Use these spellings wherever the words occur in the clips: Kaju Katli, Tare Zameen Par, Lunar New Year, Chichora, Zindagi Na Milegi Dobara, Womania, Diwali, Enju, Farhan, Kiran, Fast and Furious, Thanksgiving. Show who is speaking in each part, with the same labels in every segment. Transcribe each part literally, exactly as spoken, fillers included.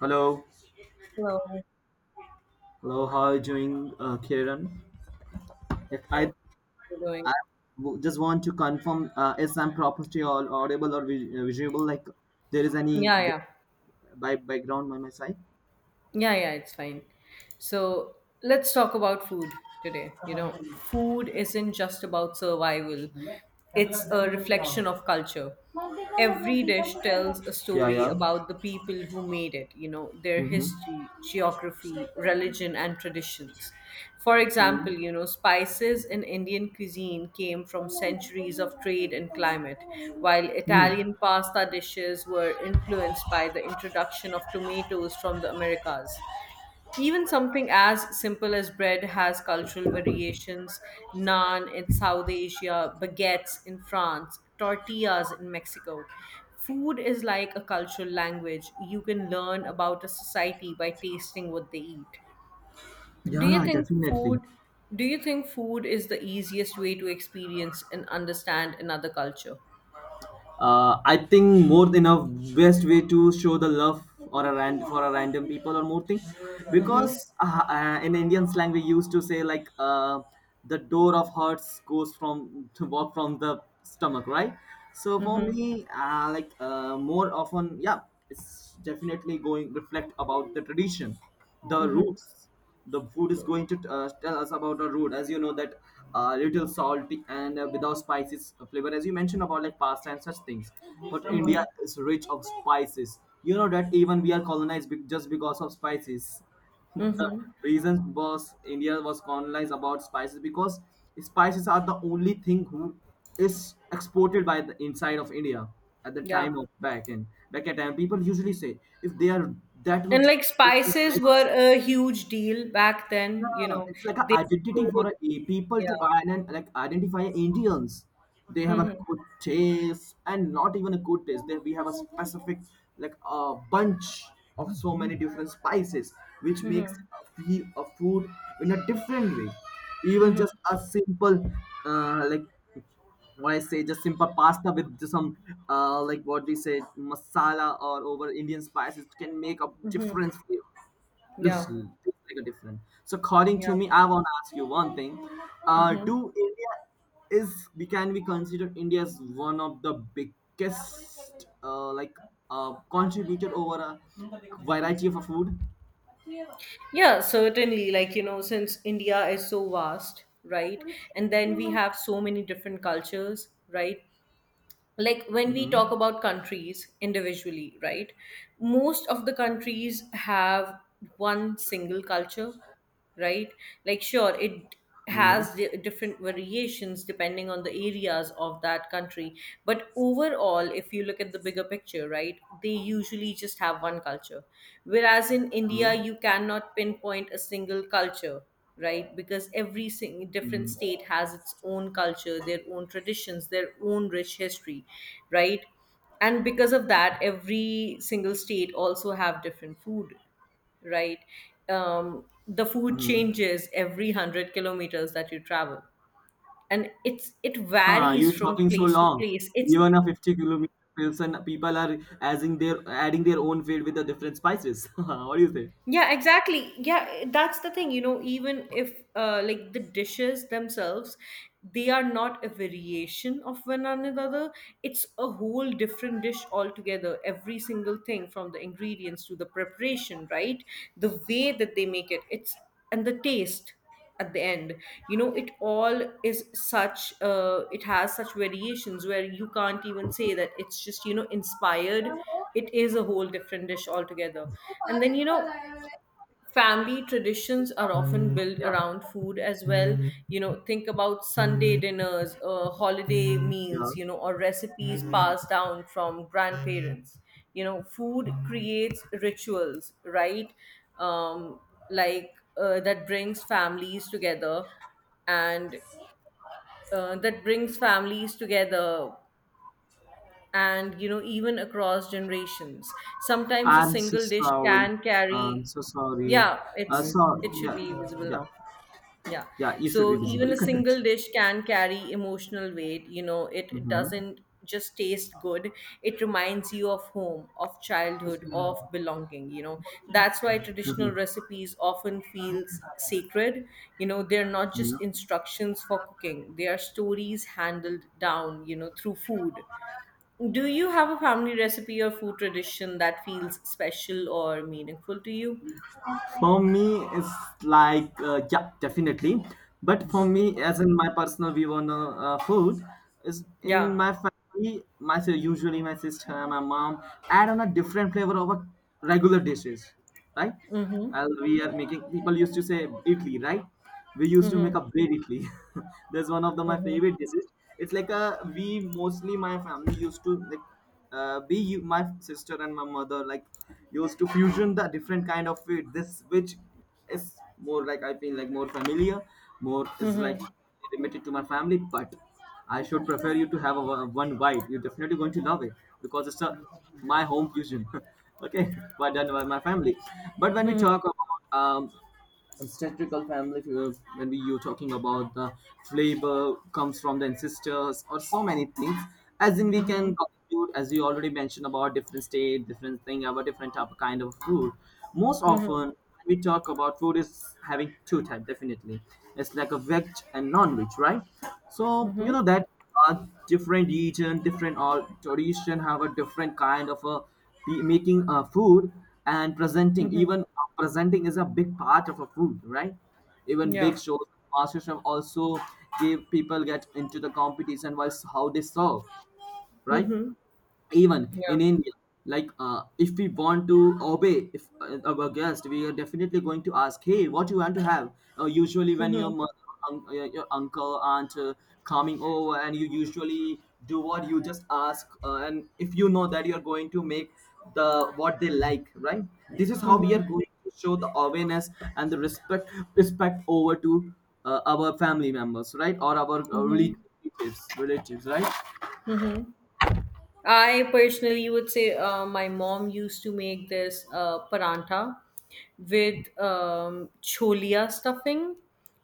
Speaker 1: Hello,
Speaker 2: Hello.
Speaker 1: hello. How are you doing, uh, Kiran? If I
Speaker 2: What are you doing?
Speaker 1: w- Just want to confirm, uh, is I'm property or audible or vi- uh, visual? Like there is any
Speaker 2: Yeah, yeah.
Speaker 1: di- by background on my side?
Speaker 2: Yeah, yeah, it's fine. So let's talk about food today. You know, food isn't just about survival, it's a reflection of culture. Every
Speaker 1: multi
Speaker 2: dish tells a
Speaker 1: Yeah,
Speaker 2: story
Speaker 1: yeah.
Speaker 2: about the people who made it, you know, their
Speaker 1: Mm-hmm.
Speaker 2: history,
Speaker 1: share
Speaker 2: geography,
Speaker 1: करेगा
Speaker 2: religion, and traditions. For example,
Speaker 1: Mm.
Speaker 2: you know, spices in Indian cuisine came from
Speaker 1: Hmm share
Speaker 2: centuries of trade and
Speaker 1: नहीं.
Speaker 2: climate, while
Speaker 1: Mm.
Speaker 2: Italian pasta dishes were influenced by the introduction of tomatoes from the Americas. Even something as simple as bread has cultural variations. Naan in South Asia, baguettes in France, tortillas in Mexico. Food is like a cultural language. You can learn about a society by tasting what they eat. Do you
Speaker 1: Yeah,
Speaker 2: think
Speaker 1: definitely.
Speaker 2: food do you think food is the easiest way to experience and understand another culture?
Speaker 1: uh, I think more than a best way to show the love or a rand for a random people or more thing,
Speaker 2: Mm-hmm.
Speaker 1: because uh, uh, in Indian slang we used to say like uh, the door of hearts goes from to walk from the stomach, right? So for
Speaker 2: Mm-hmm.
Speaker 1: me, uh, like uh, more often, yeah, it's definitely going reflect about the tradition, the
Speaker 2: Mm-hmm.
Speaker 1: roots, the food is going to uh, tell us about our route, as you know that uh, little salty and uh, without spices, uh, flavor, as you mentioned about like pasta and such things. But India
Speaker 2: Mm-hmm.
Speaker 1: is rich of spices, you know that, even we are colonized be- just because of spices. The
Speaker 2: Mm-hmm.
Speaker 1: reason was India was colonized about spices because spices are the only thing who is exported by the inside of India. At the
Speaker 2: Yeah.
Speaker 1: time of back and back at time people usually say if they are that
Speaker 2: And
Speaker 1: much
Speaker 2: like spices
Speaker 1: flavors.
Speaker 2: were a huge deal back then, you
Speaker 1: Yeah,
Speaker 2: know.
Speaker 1: it's like an
Speaker 2: They
Speaker 1: identity for
Speaker 2: would,
Speaker 1: a a people to
Speaker 2: yeah.
Speaker 1: iden- like identify Indians. They have a
Speaker 2: Mhm.
Speaker 1: good taste, and not even a good taste. They, we have a specific, like a bunch of so many different spices, which makes
Speaker 2: Mhm.
Speaker 1: a, fe- a food in a different way. Even
Speaker 2: Mhm.
Speaker 1: just a simple, uh, like what I say, just simple pasta with just some, uh, like what we say masala or over Indian spices can make a
Speaker 2: Mhm.
Speaker 1: difference for you. Looks
Speaker 2: Yeah.
Speaker 1: l- like a different. So according to
Speaker 2: Yeah.
Speaker 1: me, I want to ask you one thing. Uh,
Speaker 2: Mhm.
Speaker 1: do India is, we can we consider India as one of the biggest, uh, like uh, contributor over a variety of a food?
Speaker 2: Yeah, certainly. Like, you know, since India is so vast, right? And then we have so many different cultures, right? Like when we
Speaker 1: Mm-hmm.
Speaker 2: talk about countries individually, right? Most of the countries have one single culture, right? Like, sure, it
Speaker 1: I know.
Speaker 2: has di- different variations depending on the areas of that country. But overall, if you look at the bigger picture, right, they usually just have one culture. Whereas in
Speaker 1: Hmm.
Speaker 2: India, you cannot pinpoint a single culture. Right, because every sing- different
Speaker 1: Mm-hmm.
Speaker 2: state has its own culture, their own traditions, their own rich history, right? And because of that, every single state also have different food, right? Um, the food
Speaker 1: Mm-hmm.
Speaker 2: changes every hundred kilometers that you travel, and it's it
Speaker 1: Huh,
Speaker 2: varies
Speaker 1: you
Speaker 2: from
Speaker 1: talking so
Speaker 2: place to
Speaker 1: long.
Speaker 2: place. It's
Speaker 1: Even a fifty kilometer Pilsen, people are adding their adding their own field with the different spices. What do you say?
Speaker 2: Yeah, exactly. Yeah, that's the thing. You know, even if, uh, like, the dishes themselves, they are not a variation of one another. It's a whole different dish altogether. Every single thing from the ingredients to the preparation, right? The way that they make it, it's and the taste at the end, you know, it all is such uh it has such variations where you can't even say that it's just, you know, inspired. It is a whole different dish altogether. And then, you know, family traditions are often built
Speaker 1: Yeah,
Speaker 2: around food as well. You know, think about Sunday dinners, uh, holiday
Speaker 1: yeah.
Speaker 2: meals, you know, or recipes passed down from grandparents. You know, food creates rituals, right? um, like uh, that brings families together, and uh, that brings families together and you know, even across generations, sometimes a
Speaker 1: I'm so
Speaker 2: single dish
Speaker 1: sorry.
Speaker 2: can
Speaker 1: I'm
Speaker 2: carry.
Speaker 1: so sorry.
Speaker 2: Yeah,
Speaker 1: Uh,
Speaker 2: it's
Speaker 1: so
Speaker 2: it should
Speaker 1: yeah,
Speaker 2: be visible
Speaker 1: yeah,
Speaker 2: now. Yeah,
Speaker 1: yeah. You
Speaker 2: so
Speaker 1: should be visible.
Speaker 2: even
Speaker 1: You
Speaker 2: a
Speaker 1: can
Speaker 2: single
Speaker 1: continue.
Speaker 2: dish can carry emotional weight. You know, it
Speaker 1: Mm-hmm.
Speaker 2: doesn't just taste good, it reminds you of home, of childhood, of belonging. You know, that's why
Speaker 1: Mm-hmm.
Speaker 2: traditional recipes often feels sacred. You know, they're not
Speaker 1: Yeah.
Speaker 2: just instructions for cooking, they are stories handled down, you know, through food. Do you have a family recipe or food tradition that feels special or meaningful to you?
Speaker 1: For me, it's like, uh, yeah, definitely. But for me,
Speaker 2: Mm-hmm.
Speaker 1: as in my personal view on uh, uh, food is, in
Speaker 2: Yeah.
Speaker 1: my family, my si- usually my sister and my mom add on a different flavor of a regular dishes, right?
Speaker 2: Mm-hmm.
Speaker 1: As we are making, people used to say idli, right, we used to make
Speaker 2: Mm-hmm.
Speaker 1: a bread idli. That's one of the my
Speaker 2: Mm-hmm.
Speaker 1: favorite dishes. It's like a, we, mostly my family used to like, uh, we u- my sister and my mother, like, used to fusion the different kind of food, this which is more like, I feel like more familiar, more is like
Speaker 2: Mm-hmm.
Speaker 1: limited to my family, but I should prefer you to have a, one one bite, you're definitely going to love it, because it's a, my home fusion, okay, but done by my family. But when we talk about, um, ancestral family, uh, when we you talking about the flavor comes from the ancestors or so many things, as in we
Speaker 2: Mm-hmm.
Speaker 1: can conclude, as you already mentioned, about different state, different thing, about different type of kind of food, most
Speaker 2: Mm-hmm.
Speaker 1: often we talk about food is having two type. Definitely it's like a veg and non-veg, right? So you
Speaker 2: Mm-hmm.
Speaker 1: know that, uh, different region, different or tradition have a different kind of a be- making, uh, food and presenting.
Speaker 2: Mm-hmm.
Speaker 1: Even uh, presenting is a big part of a food, right? Even big
Speaker 2: Yeah.
Speaker 1: shows, master chef also, give people get into the competition while s- how they serve, right?
Speaker 2: Mm-hmm.
Speaker 1: Even
Speaker 2: Yeah.
Speaker 1: in India, like, uh, if we want to obey, if uh, our guest, we are definitely going to ask, hey, what you want to have? Uh, usually when your
Speaker 2: Mm-hmm.
Speaker 1: mother, un- uh, your uncle aunt, uh, coming over, and you usually do what you just ask, uh, and if you know that you're going to make the what they like, right, this is how we are going to show the awareness and the respect respect over to, uh, our family members, right, or our, uh,
Speaker 2: Mm-hmm.
Speaker 1: relatives relatives right?
Speaker 2: Mm-hmm. I personally would say, uh, my mom used to make this uh, paranta with um, cholia stuffing.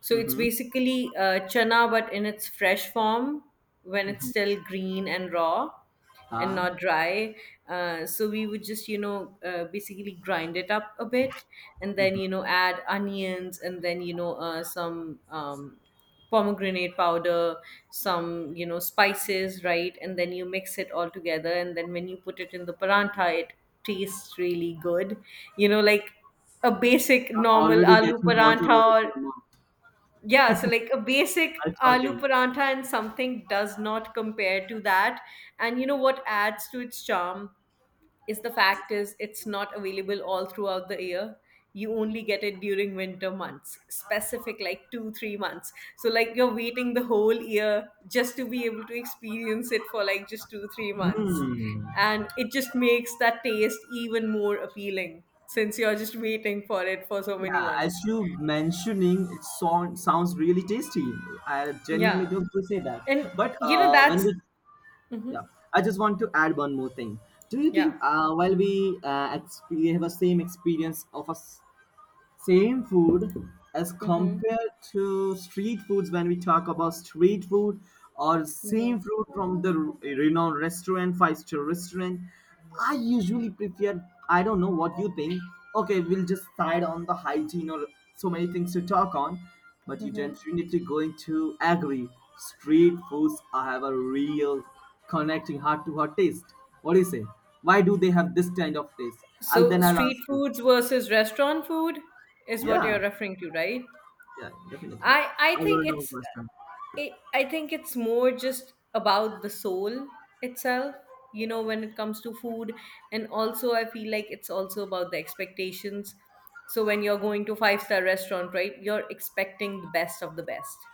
Speaker 2: So it's
Speaker 1: Mm-hmm.
Speaker 2: basically, uh, chana, but in its fresh form, when it's still green and raw and
Speaker 1: Uh,
Speaker 2: not dry. Uh, so we would just, you know, uh, basically grind it up a bit, and then, you know, add onions, and then, you know, uh, some. Um, pomegranate powder, some, you know, spices, right? And then you mix it all together. And then when you put it in the paranta, it tastes really good. You know, like a basic
Speaker 1: You're
Speaker 2: normal
Speaker 1: already
Speaker 2: aloo
Speaker 1: getting water over to
Speaker 2: paranta, or,
Speaker 1: your mouth
Speaker 2: yeah, so like a basic
Speaker 1: while
Speaker 2: aloo
Speaker 1: talking.
Speaker 2: paranta, and something does not compare to that. And you know what adds to its charm? Is the fact is it's not available all throughout the year. You only get it during winter months, specific, like two three months, so like you're waiting the whole year just to be able to experience it for like just two three months,
Speaker 1: Hmm.
Speaker 2: and it just makes that taste even more appealing since you're just waiting for it for so many
Speaker 1: Yeah, as
Speaker 2: months.
Speaker 1: you mentioning, it sound, sounds really tasty. I genuinely
Speaker 2: Yeah.
Speaker 1: don't to say that.
Speaker 2: And,
Speaker 1: But
Speaker 2: you know,
Speaker 1: uh, when
Speaker 2: that's...
Speaker 1: we,
Speaker 2: Hmm.
Speaker 1: yeah, I just want to add one more thing. Do you think,
Speaker 2: Yeah.
Speaker 1: uh, while we uh, exp- have a same experience of a s- same food as
Speaker 2: Hmm.
Speaker 1: compared to street foods, when we talk about street food or same food from the re- renowned restaurant, five star restaurant, I usually prefer, I don't know what you think, okay, we'll just side on the hygiene or so many things to talk on, but you definitely going to agree, street foods have a real connecting heart to heart taste. What do you say? Why do they have this kind of taste? i'll
Speaker 2: So
Speaker 1: then I'll ask
Speaker 2: street
Speaker 1: you.
Speaker 2: foods versus restaurant food is what you're
Speaker 1: Yeah,
Speaker 2: referring to, right?
Speaker 1: yeah, definitely.
Speaker 2: I I
Speaker 1: I will
Speaker 2: think
Speaker 1: know
Speaker 2: it's
Speaker 1: first time.
Speaker 2: it, I think it's more just about the soul itself, you know, when it comes to food. And also I feel like it's also about the expectations. So when you're going to five star restaurant, right, you're expecting the best of the best,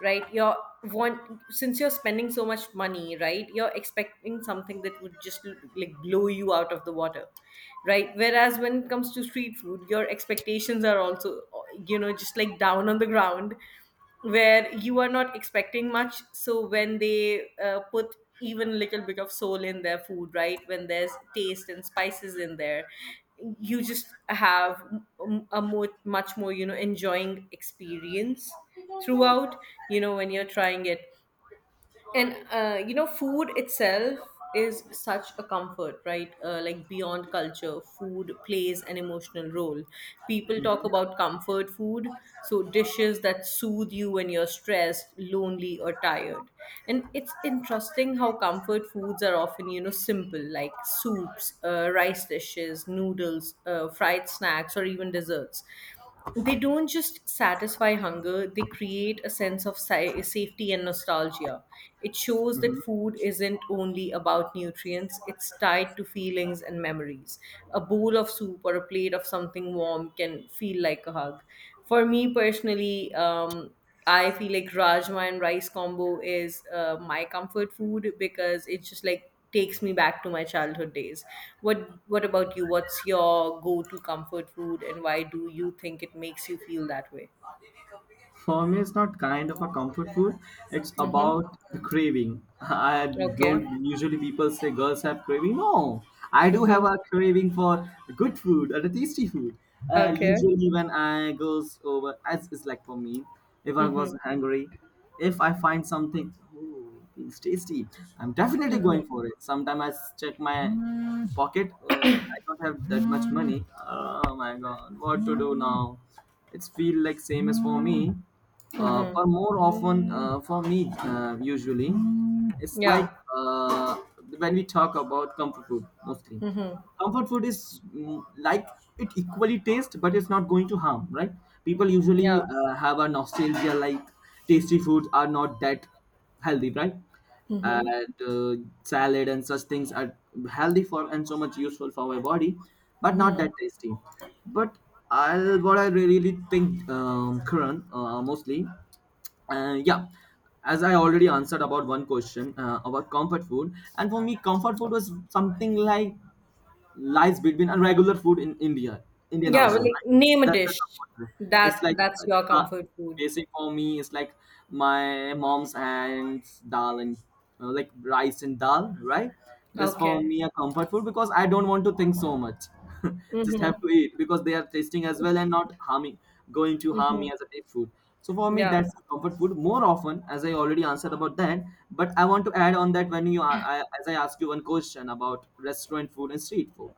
Speaker 2: right? you're Want, since you're spending so much money, right? You're expecting something that would just l- like blow you out of the water, right, whereas when it comes to street food, your expectations are also, you know, just like down on the ground, where you are not expecting much. So when they, uh, put even a little bit of soul in their food, right, when there's taste and spices in there, you just have m- a more much more, you know, enjoying experience throughout, you know, when you're trying it. And, uh, you know, food itself is such a comfort, right? Uh, like, beyond culture, food plays an emotional role. People
Speaker 1: Mhm,
Speaker 2: talk about comfort food, so dishes that soothe you when you're stressed, lonely, or tired. And it's interesting how comfort foods are often, you know, simple, like soups, uh, rice dishes, noodles, uh, fried snacks, or even desserts. They don't just satisfy hunger, they create a sense of si- safety and nostalgia. It shows
Speaker 1: mhm.
Speaker 2: that food isn't only about nutrients, it's tied to feelings and memories. A bowl of soup or a plate of something warm can feel like a hug. For me personally, um, I feel like rajma and rice combo is, uh, my comfort food, because it's just like takes me back to my childhood days. What What about you? What's your go-to comfort food, and why do you think it makes you feel that way?
Speaker 1: For me, it's not kind of a comfort food. It's
Speaker 2: Mm-hmm.
Speaker 1: about the craving. I
Speaker 2: Okay.
Speaker 1: don't usually, people say girls have craving. No, I do have
Speaker 2: Mm-hmm.
Speaker 1: a craving for good food and a tasty food. Uh,
Speaker 2: Okay.
Speaker 1: usually when I goes over, as is like for me, if I was
Speaker 2: Mm-hmm.
Speaker 1: hungry, if I find something, "Ooh, ooh, feels tasty. I'm definitely going for it." Sometime I s- check my pocket. Uh, I don't have that much money. Oh my god, what to do now? It's feel like same as for me. Uh,
Speaker 2: Mm-hmm.
Speaker 1: but more often, uh, for me, uh, usually, it's like,
Speaker 2: Yeah.
Speaker 1: uh, know when we talk about comfort food, mostly
Speaker 2: Mm-hmm.
Speaker 1: comfort food is, mm, like, it equally tastes but it's not going to harm, right? People usually
Speaker 2: Yeah.
Speaker 1: uh, have a nostalgia, like, tasty foods are not that healthy, right?
Speaker 2: Mm-hmm.
Speaker 1: And uh, salad and such things are healthy for and so much useful for my body, but not that tasty. But I will what I really think, um, current, uh, mostly, uh, yeah, as I already answered about one question, uh, about comfort food, and for me, comfort food was something like lies between a regular food in India, Indian
Speaker 2: Yeah. Well,
Speaker 1: household,
Speaker 2: like,
Speaker 1: right?
Speaker 2: name a
Speaker 1: That's the
Speaker 2: dish
Speaker 1: comfort food. It's
Speaker 2: that
Speaker 1: like, uh,
Speaker 2: that's your
Speaker 1: uh,
Speaker 2: comfort food.
Speaker 1: basic, for me it's like, my mom's and dal, and uh, like rice and dal, right? That's for
Speaker 2: Okay.
Speaker 1: me a comfort food because I don't want to think so much. Just have to
Speaker 2: Mm-hmm.
Speaker 1: eat because they are tasting as well and not harming, going to harm me
Speaker 2: Mm-hmm.
Speaker 1: as a take food. So for me
Speaker 2: Yeah.
Speaker 1: that's the comfort food, more often, as I already answered about that. But I want to add on that, when you, I, I- as I asked you one question about restaurant food and street food,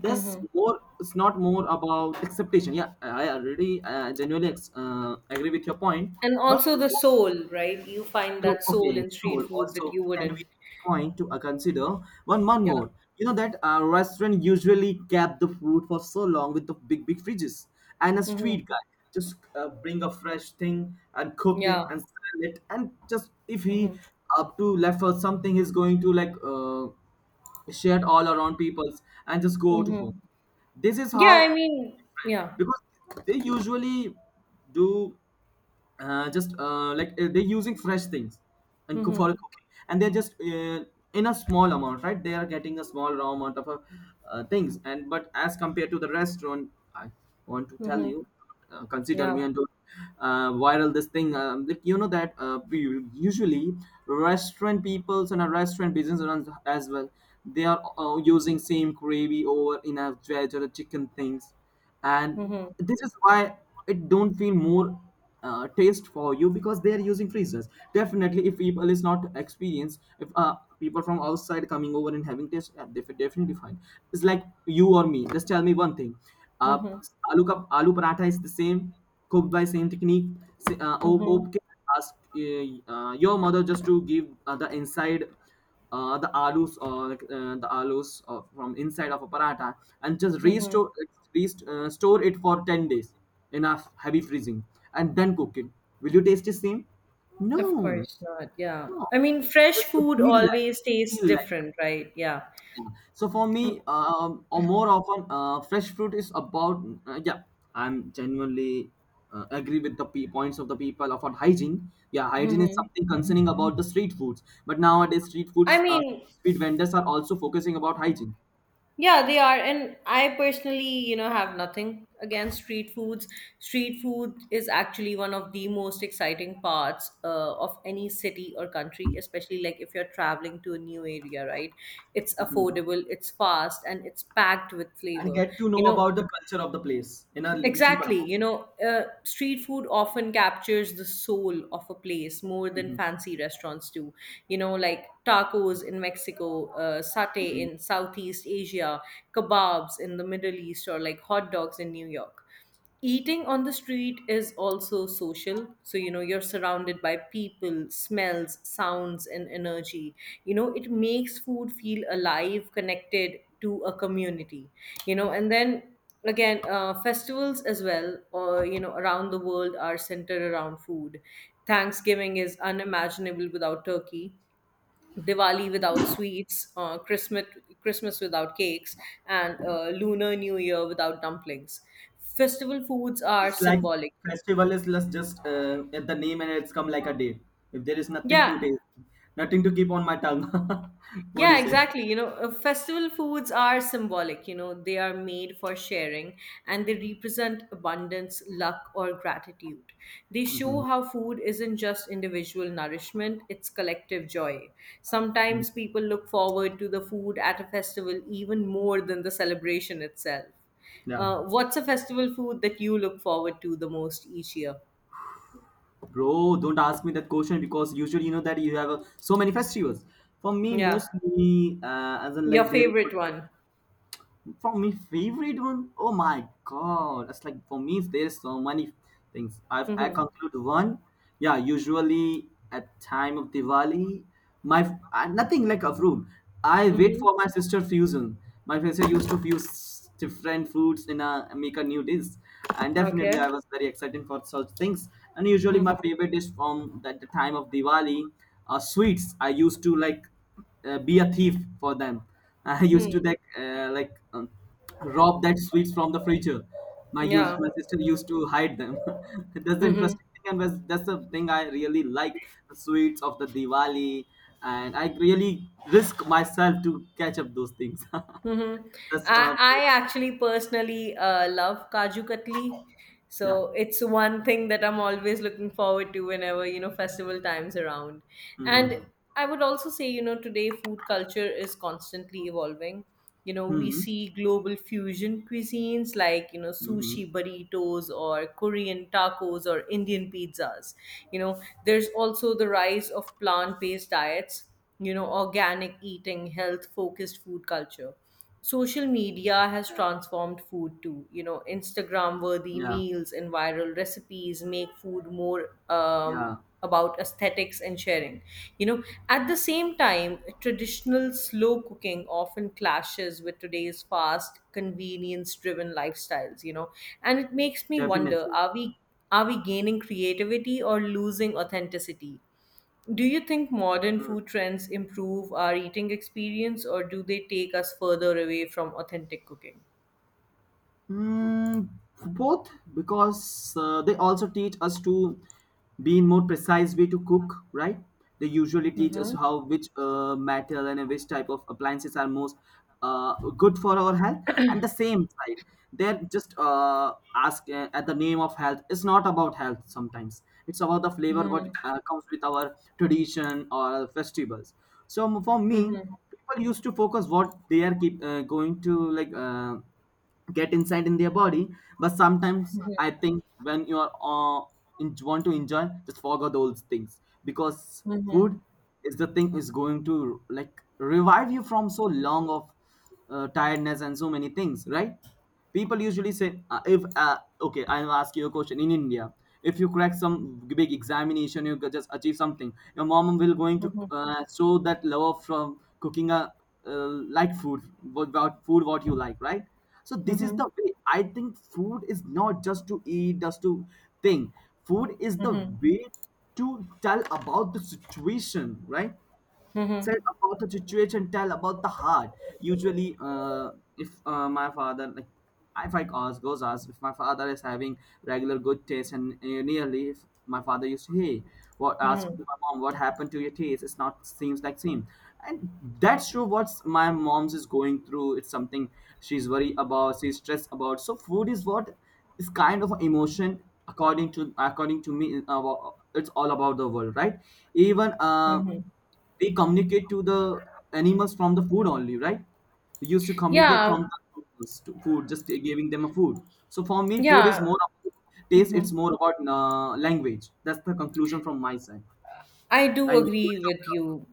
Speaker 1: this
Speaker 2: Mm-hmm.
Speaker 1: more it's not more about acceptation. Yeah, I already uh, genuinely ex- uh, agree with your point.
Speaker 2: And
Speaker 1: But
Speaker 2: also the soul, right? You find
Speaker 1: so,
Speaker 2: that soul
Speaker 1: okay,
Speaker 2: in
Speaker 1: so
Speaker 2: street food that
Speaker 1: also
Speaker 2: you
Speaker 1: can
Speaker 2: wouldn't.
Speaker 1: we point to uh, consider one one
Speaker 2: Yeah.
Speaker 1: more? You know that a restaurant usually kept the food for so long with the big big fridges, and a
Speaker 2: Mm-hmm.
Speaker 1: street guy just uh, bring a fresh thing and cook it
Speaker 2: Yeah.
Speaker 1: and sell it, and just if he
Speaker 2: Mhm.
Speaker 1: up to left for something, he's going to, like, uh, share it all around people's and just go to home.
Speaker 2: Mhm.
Speaker 1: This is
Speaker 2: Yeah, I
Speaker 1: how,
Speaker 2: mean, yeah.
Speaker 1: because they usually do, uh, just uh, like uh, they're using fresh things and cook for
Speaker 2: Mhm.
Speaker 1: cooking, and they're just uh, in a small amount, right, they are getting a small raw amount of uh, uh, things, and but as compared to the restaurant, I want to tell
Speaker 2: Mhm.
Speaker 1: you, uh, consider me
Speaker 2: Yeah.
Speaker 1: and don't uh, viral this thing, um, that you know that, uh, we- usually restaurant peoples and a restaurant business runs as well, they are uh, using same gravy over in a veg or a chicken things, and
Speaker 2: Mhm.
Speaker 1: this is why it don't feel more uh, taste for you because they are using freezers. Definitely, if people is not experienced, if uh, people from outside coming over and having taste, uh, they definitely fine. It's like you or me, just tell me one thing, uh,
Speaker 2: Mhm.
Speaker 1: aloo, ka, aloo paratha is the same, cooked by same technique, sa- uh, o-
Speaker 2: Mhm.
Speaker 1: okay, ask, uh, uh, your mother just to give, uh, the inside, uh, the alus or uh, the alus uh, from inside of a paratha, and just
Speaker 2: Mhm.
Speaker 1: restore rest, uh, store it for ten days in a heavy freezing, and then cook it, will you taste the same?
Speaker 2: Of
Speaker 1: No,
Speaker 2: course not. Yeah.
Speaker 1: no,
Speaker 2: I mean, fresh
Speaker 1: it
Speaker 2: food
Speaker 1: feel like,
Speaker 2: always
Speaker 1: it
Speaker 2: tastes
Speaker 1: feel like,
Speaker 2: different, right? Yeah.
Speaker 1: yeah. So for me, um, or more often, uh, fresh fruit is about, uh, yeah. I'm genuinely uh, agree with the pe- points of the people about hygiene. Yeah, hygiene is
Speaker 2: Mhm.
Speaker 1: something concerning about the street foods, but nowadays street
Speaker 2: I
Speaker 1: foods, uh,
Speaker 2: mean,
Speaker 1: street vendors are also focusing about hygiene.
Speaker 2: yeah, they are. And I personally, you know, have nothing against street foods. Street food is actually one of the most exciting parts, uh, of any city or country, especially like if you're traveling to a new area, right? It's
Speaker 1: Mhm.
Speaker 2: affordable, it's fast, and it's packed with
Speaker 1: And
Speaker 2: flavor.
Speaker 1: get to know
Speaker 2: You know,
Speaker 1: about the culture of the place in a l- cheaper
Speaker 2: exactly.
Speaker 1: amount.
Speaker 2: You know, uh, street food often captures the soul of a place more than
Speaker 1: Mhm.
Speaker 2: fancy restaurants do. You know, like tacos in Mexico, uh, satay
Speaker 1: Mhm.
Speaker 2: in Southeast Asia, kebabs in the Middle East, or like hot dogs in New York. Eating on the street is also social. So, you know, you're surrounded by people, smells, sounds, and energy. You know, it makes food feel alive, connected to a community. You know, and then again, uh, festivals as well, or, you know, around the world are centered around food. Thanksgiving is unimaginable without turkey. Diwali without sweets, uh, Christmas Christmas without cakes, and uh, Lunar New Year without dumplings. Festival foods are
Speaker 1: It's like
Speaker 2: symbolic.
Speaker 1: festival is less just uh, at the name and it's come like a day. If there is nothing
Speaker 2: Yeah.
Speaker 1: to taste, nothing to keep on my tongue. What do
Speaker 2: Yeah,
Speaker 1: you say?
Speaker 2: exactly. You know, uh, festival foods are symbolic. You know, they are made for sharing, and they represent abundance, luck, or gratitude. They show
Speaker 1: Mhm.
Speaker 2: how food isn't just individual nourishment, it's collective joy.
Speaker 1: Mm.
Speaker 2: Sometimes people look forward to the food at a festival even more than the celebration itself.
Speaker 1: Yeah.
Speaker 2: Uh, what's a festival food that you look forward to the most each year?
Speaker 1: Bro, don't ask me that question because usually you know that you have uh, so many festivals. For me,
Speaker 2: Yeah,
Speaker 1: mostly, uh, as in
Speaker 2: your
Speaker 1: like there is.
Speaker 2: favorite one.
Speaker 1: For me, favorite one? Oh my god! That's like for me, there's so many things. I've I
Speaker 2: Mm-hmm.
Speaker 1: conclude one. Yeah, usually at time of Diwali, my I, nothing like a fruit. I wait
Speaker 2: Mm-hmm.
Speaker 1: for my sister fusion. My sister used to fuse different foods in a make a new dish, and definitely I
Speaker 2: Okay.
Speaker 1: was very excited for such things. And usually
Speaker 2: Mm-hmm.
Speaker 1: my favorite dish from that the time of Diwali are sweets. I used to like uh, be a thief for them. I used to
Speaker 2: Hmm.
Speaker 1: like uh, like um, rob that sweets from the freezer. My used
Speaker 2: Yeah.
Speaker 1: my sister used to hide them. That's the
Speaker 2: Mhm.
Speaker 1: interesting thing, and that's, that's the thing I really like the sweets of the Diwali, and I really risk myself to catch up those things.
Speaker 2: Mhm.
Speaker 1: That's
Speaker 2: I
Speaker 1: uh,
Speaker 2: I actually personally uh, love Kaju Katli. So
Speaker 1: yeah.
Speaker 2: it's one thing that I'm always looking forward to, whenever, you know, festival times around. And
Speaker 1: Hmm.
Speaker 2: I would also say, you know, today food culture is constantly evolving. You know, we
Speaker 1: Hmm.
Speaker 2: see global fusion cuisines like, you know,
Speaker 1: Hmm.
Speaker 2: sushi burritos, or Korean tacos, or Indian pizzas. You know, there's also the rise of plant-based diets, you know, organic eating, health focused food culture. Social media has
Speaker 1: Yeah.
Speaker 2: transformed food too. You know, Instagram worthy
Speaker 1: Yeah.
Speaker 2: meals and viral recipes make food more, um,
Speaker 1: Yeah.
Speaker 2: about aesthetics and sharing. You know, at the same time, traditional slow cooking often clashes with today's fast, convenience driven lifestyles, you know, and it makes me wonder,
Speaker 1: Definitely.
Speaker 2: are we are we gaining creativity or losing authenticity? Do you think modern food trends improve our eating experience, or do they take us further away from authentic cooking?
Speaker 1: Mm, both, because uh, they also teach us to be in more precise way to cook, right? They usually teach us
Speaker 2: Mm-hmm.
Speaker 1: how which uh, metal and which type of appliances are most uh, good for our health. And the same side, they're just uh, ask uh, at the name of health. It's not about health sometimes. It's about the flavor
Speaker 2: Mm-hmm.
Speaker 1: what uh, comes with our tradition or festivals. So for me,
Speaker 2: Mm-hmm.
Speaker 1: people used to focus what they are keep uh, going to like. Uh, get inside in their body. But sometimes I think when you are uh, in, want to enjoy, just forget those things because food is the thing is going to like revive you from so long of uh, tiredness and so many things, right? People usually say uh, if uh, okay, I'll ask you a question in India. If you crack some big examination, you could just achieve something, your mom will going to
Speaker 2: Mm-hmm. Mm-hmm.
Speaker 1: uh, show that love from cooking a uh, like food, what about food what you like, right? So this is the
Speaker 2: Mm-hmm.
Speaker 1: way I think food is not just to eat, just to think, food is the
Speaker 2: Mm-hmm.
Speaker 1: way to tell about the situation, right? Said about the situation, tell about the heart. Usually uh, if uh, my father like, if I ask goes ask, if my father is having regular good taste and uh, nearly, if my father used to hey what ask
Speaker 2: Mm-hmm.
Speaker 1: to my mom, what happened to your taste? It's not seems like same. And that's true, what's my mom's is going through, it's something she's worried about, she's stressed about. So food is what is kind of emotion, according to according to me. Uh, it's all about the world, right? Even uh
Speaker 2: Mm-hmm.
Speaker 1: they communicate to the animals from the food only, right? We used to communicate
Speaker 2: Yeah.
Speaker 1: from the animals to food, just giving them a food. So for me, food
Speaker 2: Yeah.
Speaker 1: is more about taste.
Speaker 2: Mm-hmm.
Speaker 1: It's more about uh, language. That's the conclusion from my side.
Speaker 2: I do
Speaker 1: Language
Speaker 2: agree
Speaker 1: of
Speaker 2: with
Speaker 1: love.
Speaker 2: you.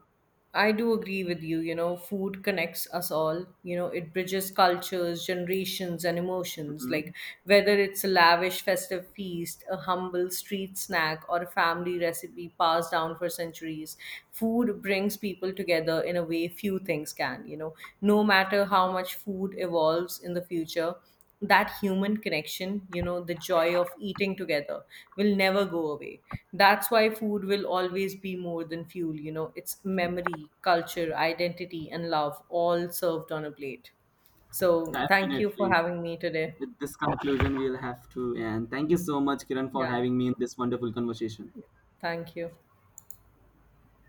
Speaker 2: I do agree with you. You know, food connects us all. You know, it bridges cultures, generations, and emotions.
Speaker 1: Mhm.
Speaker 2: Like, whether it's a lavish festive feast, a humble street snack, or a family recipe passed down for centuries, food brings people together in a way few things can. You know, no matter how much food evolves in the future, that human connection, you know, the joy of eating together, will never go away. That's why food will always be more than fuel. You know, it's memory, culture, identity, and love, all served on a plate. So, thank you for
Speaker 1: Definitely.
Speaker 2: having me today.
Speaker 1: With this conclusion, we'll have to. And thank you so much, Kiran, for
Speaker 2: Yeah,
Speaker 1: having me in this wonderful conversation.
Speaker 2: thank you.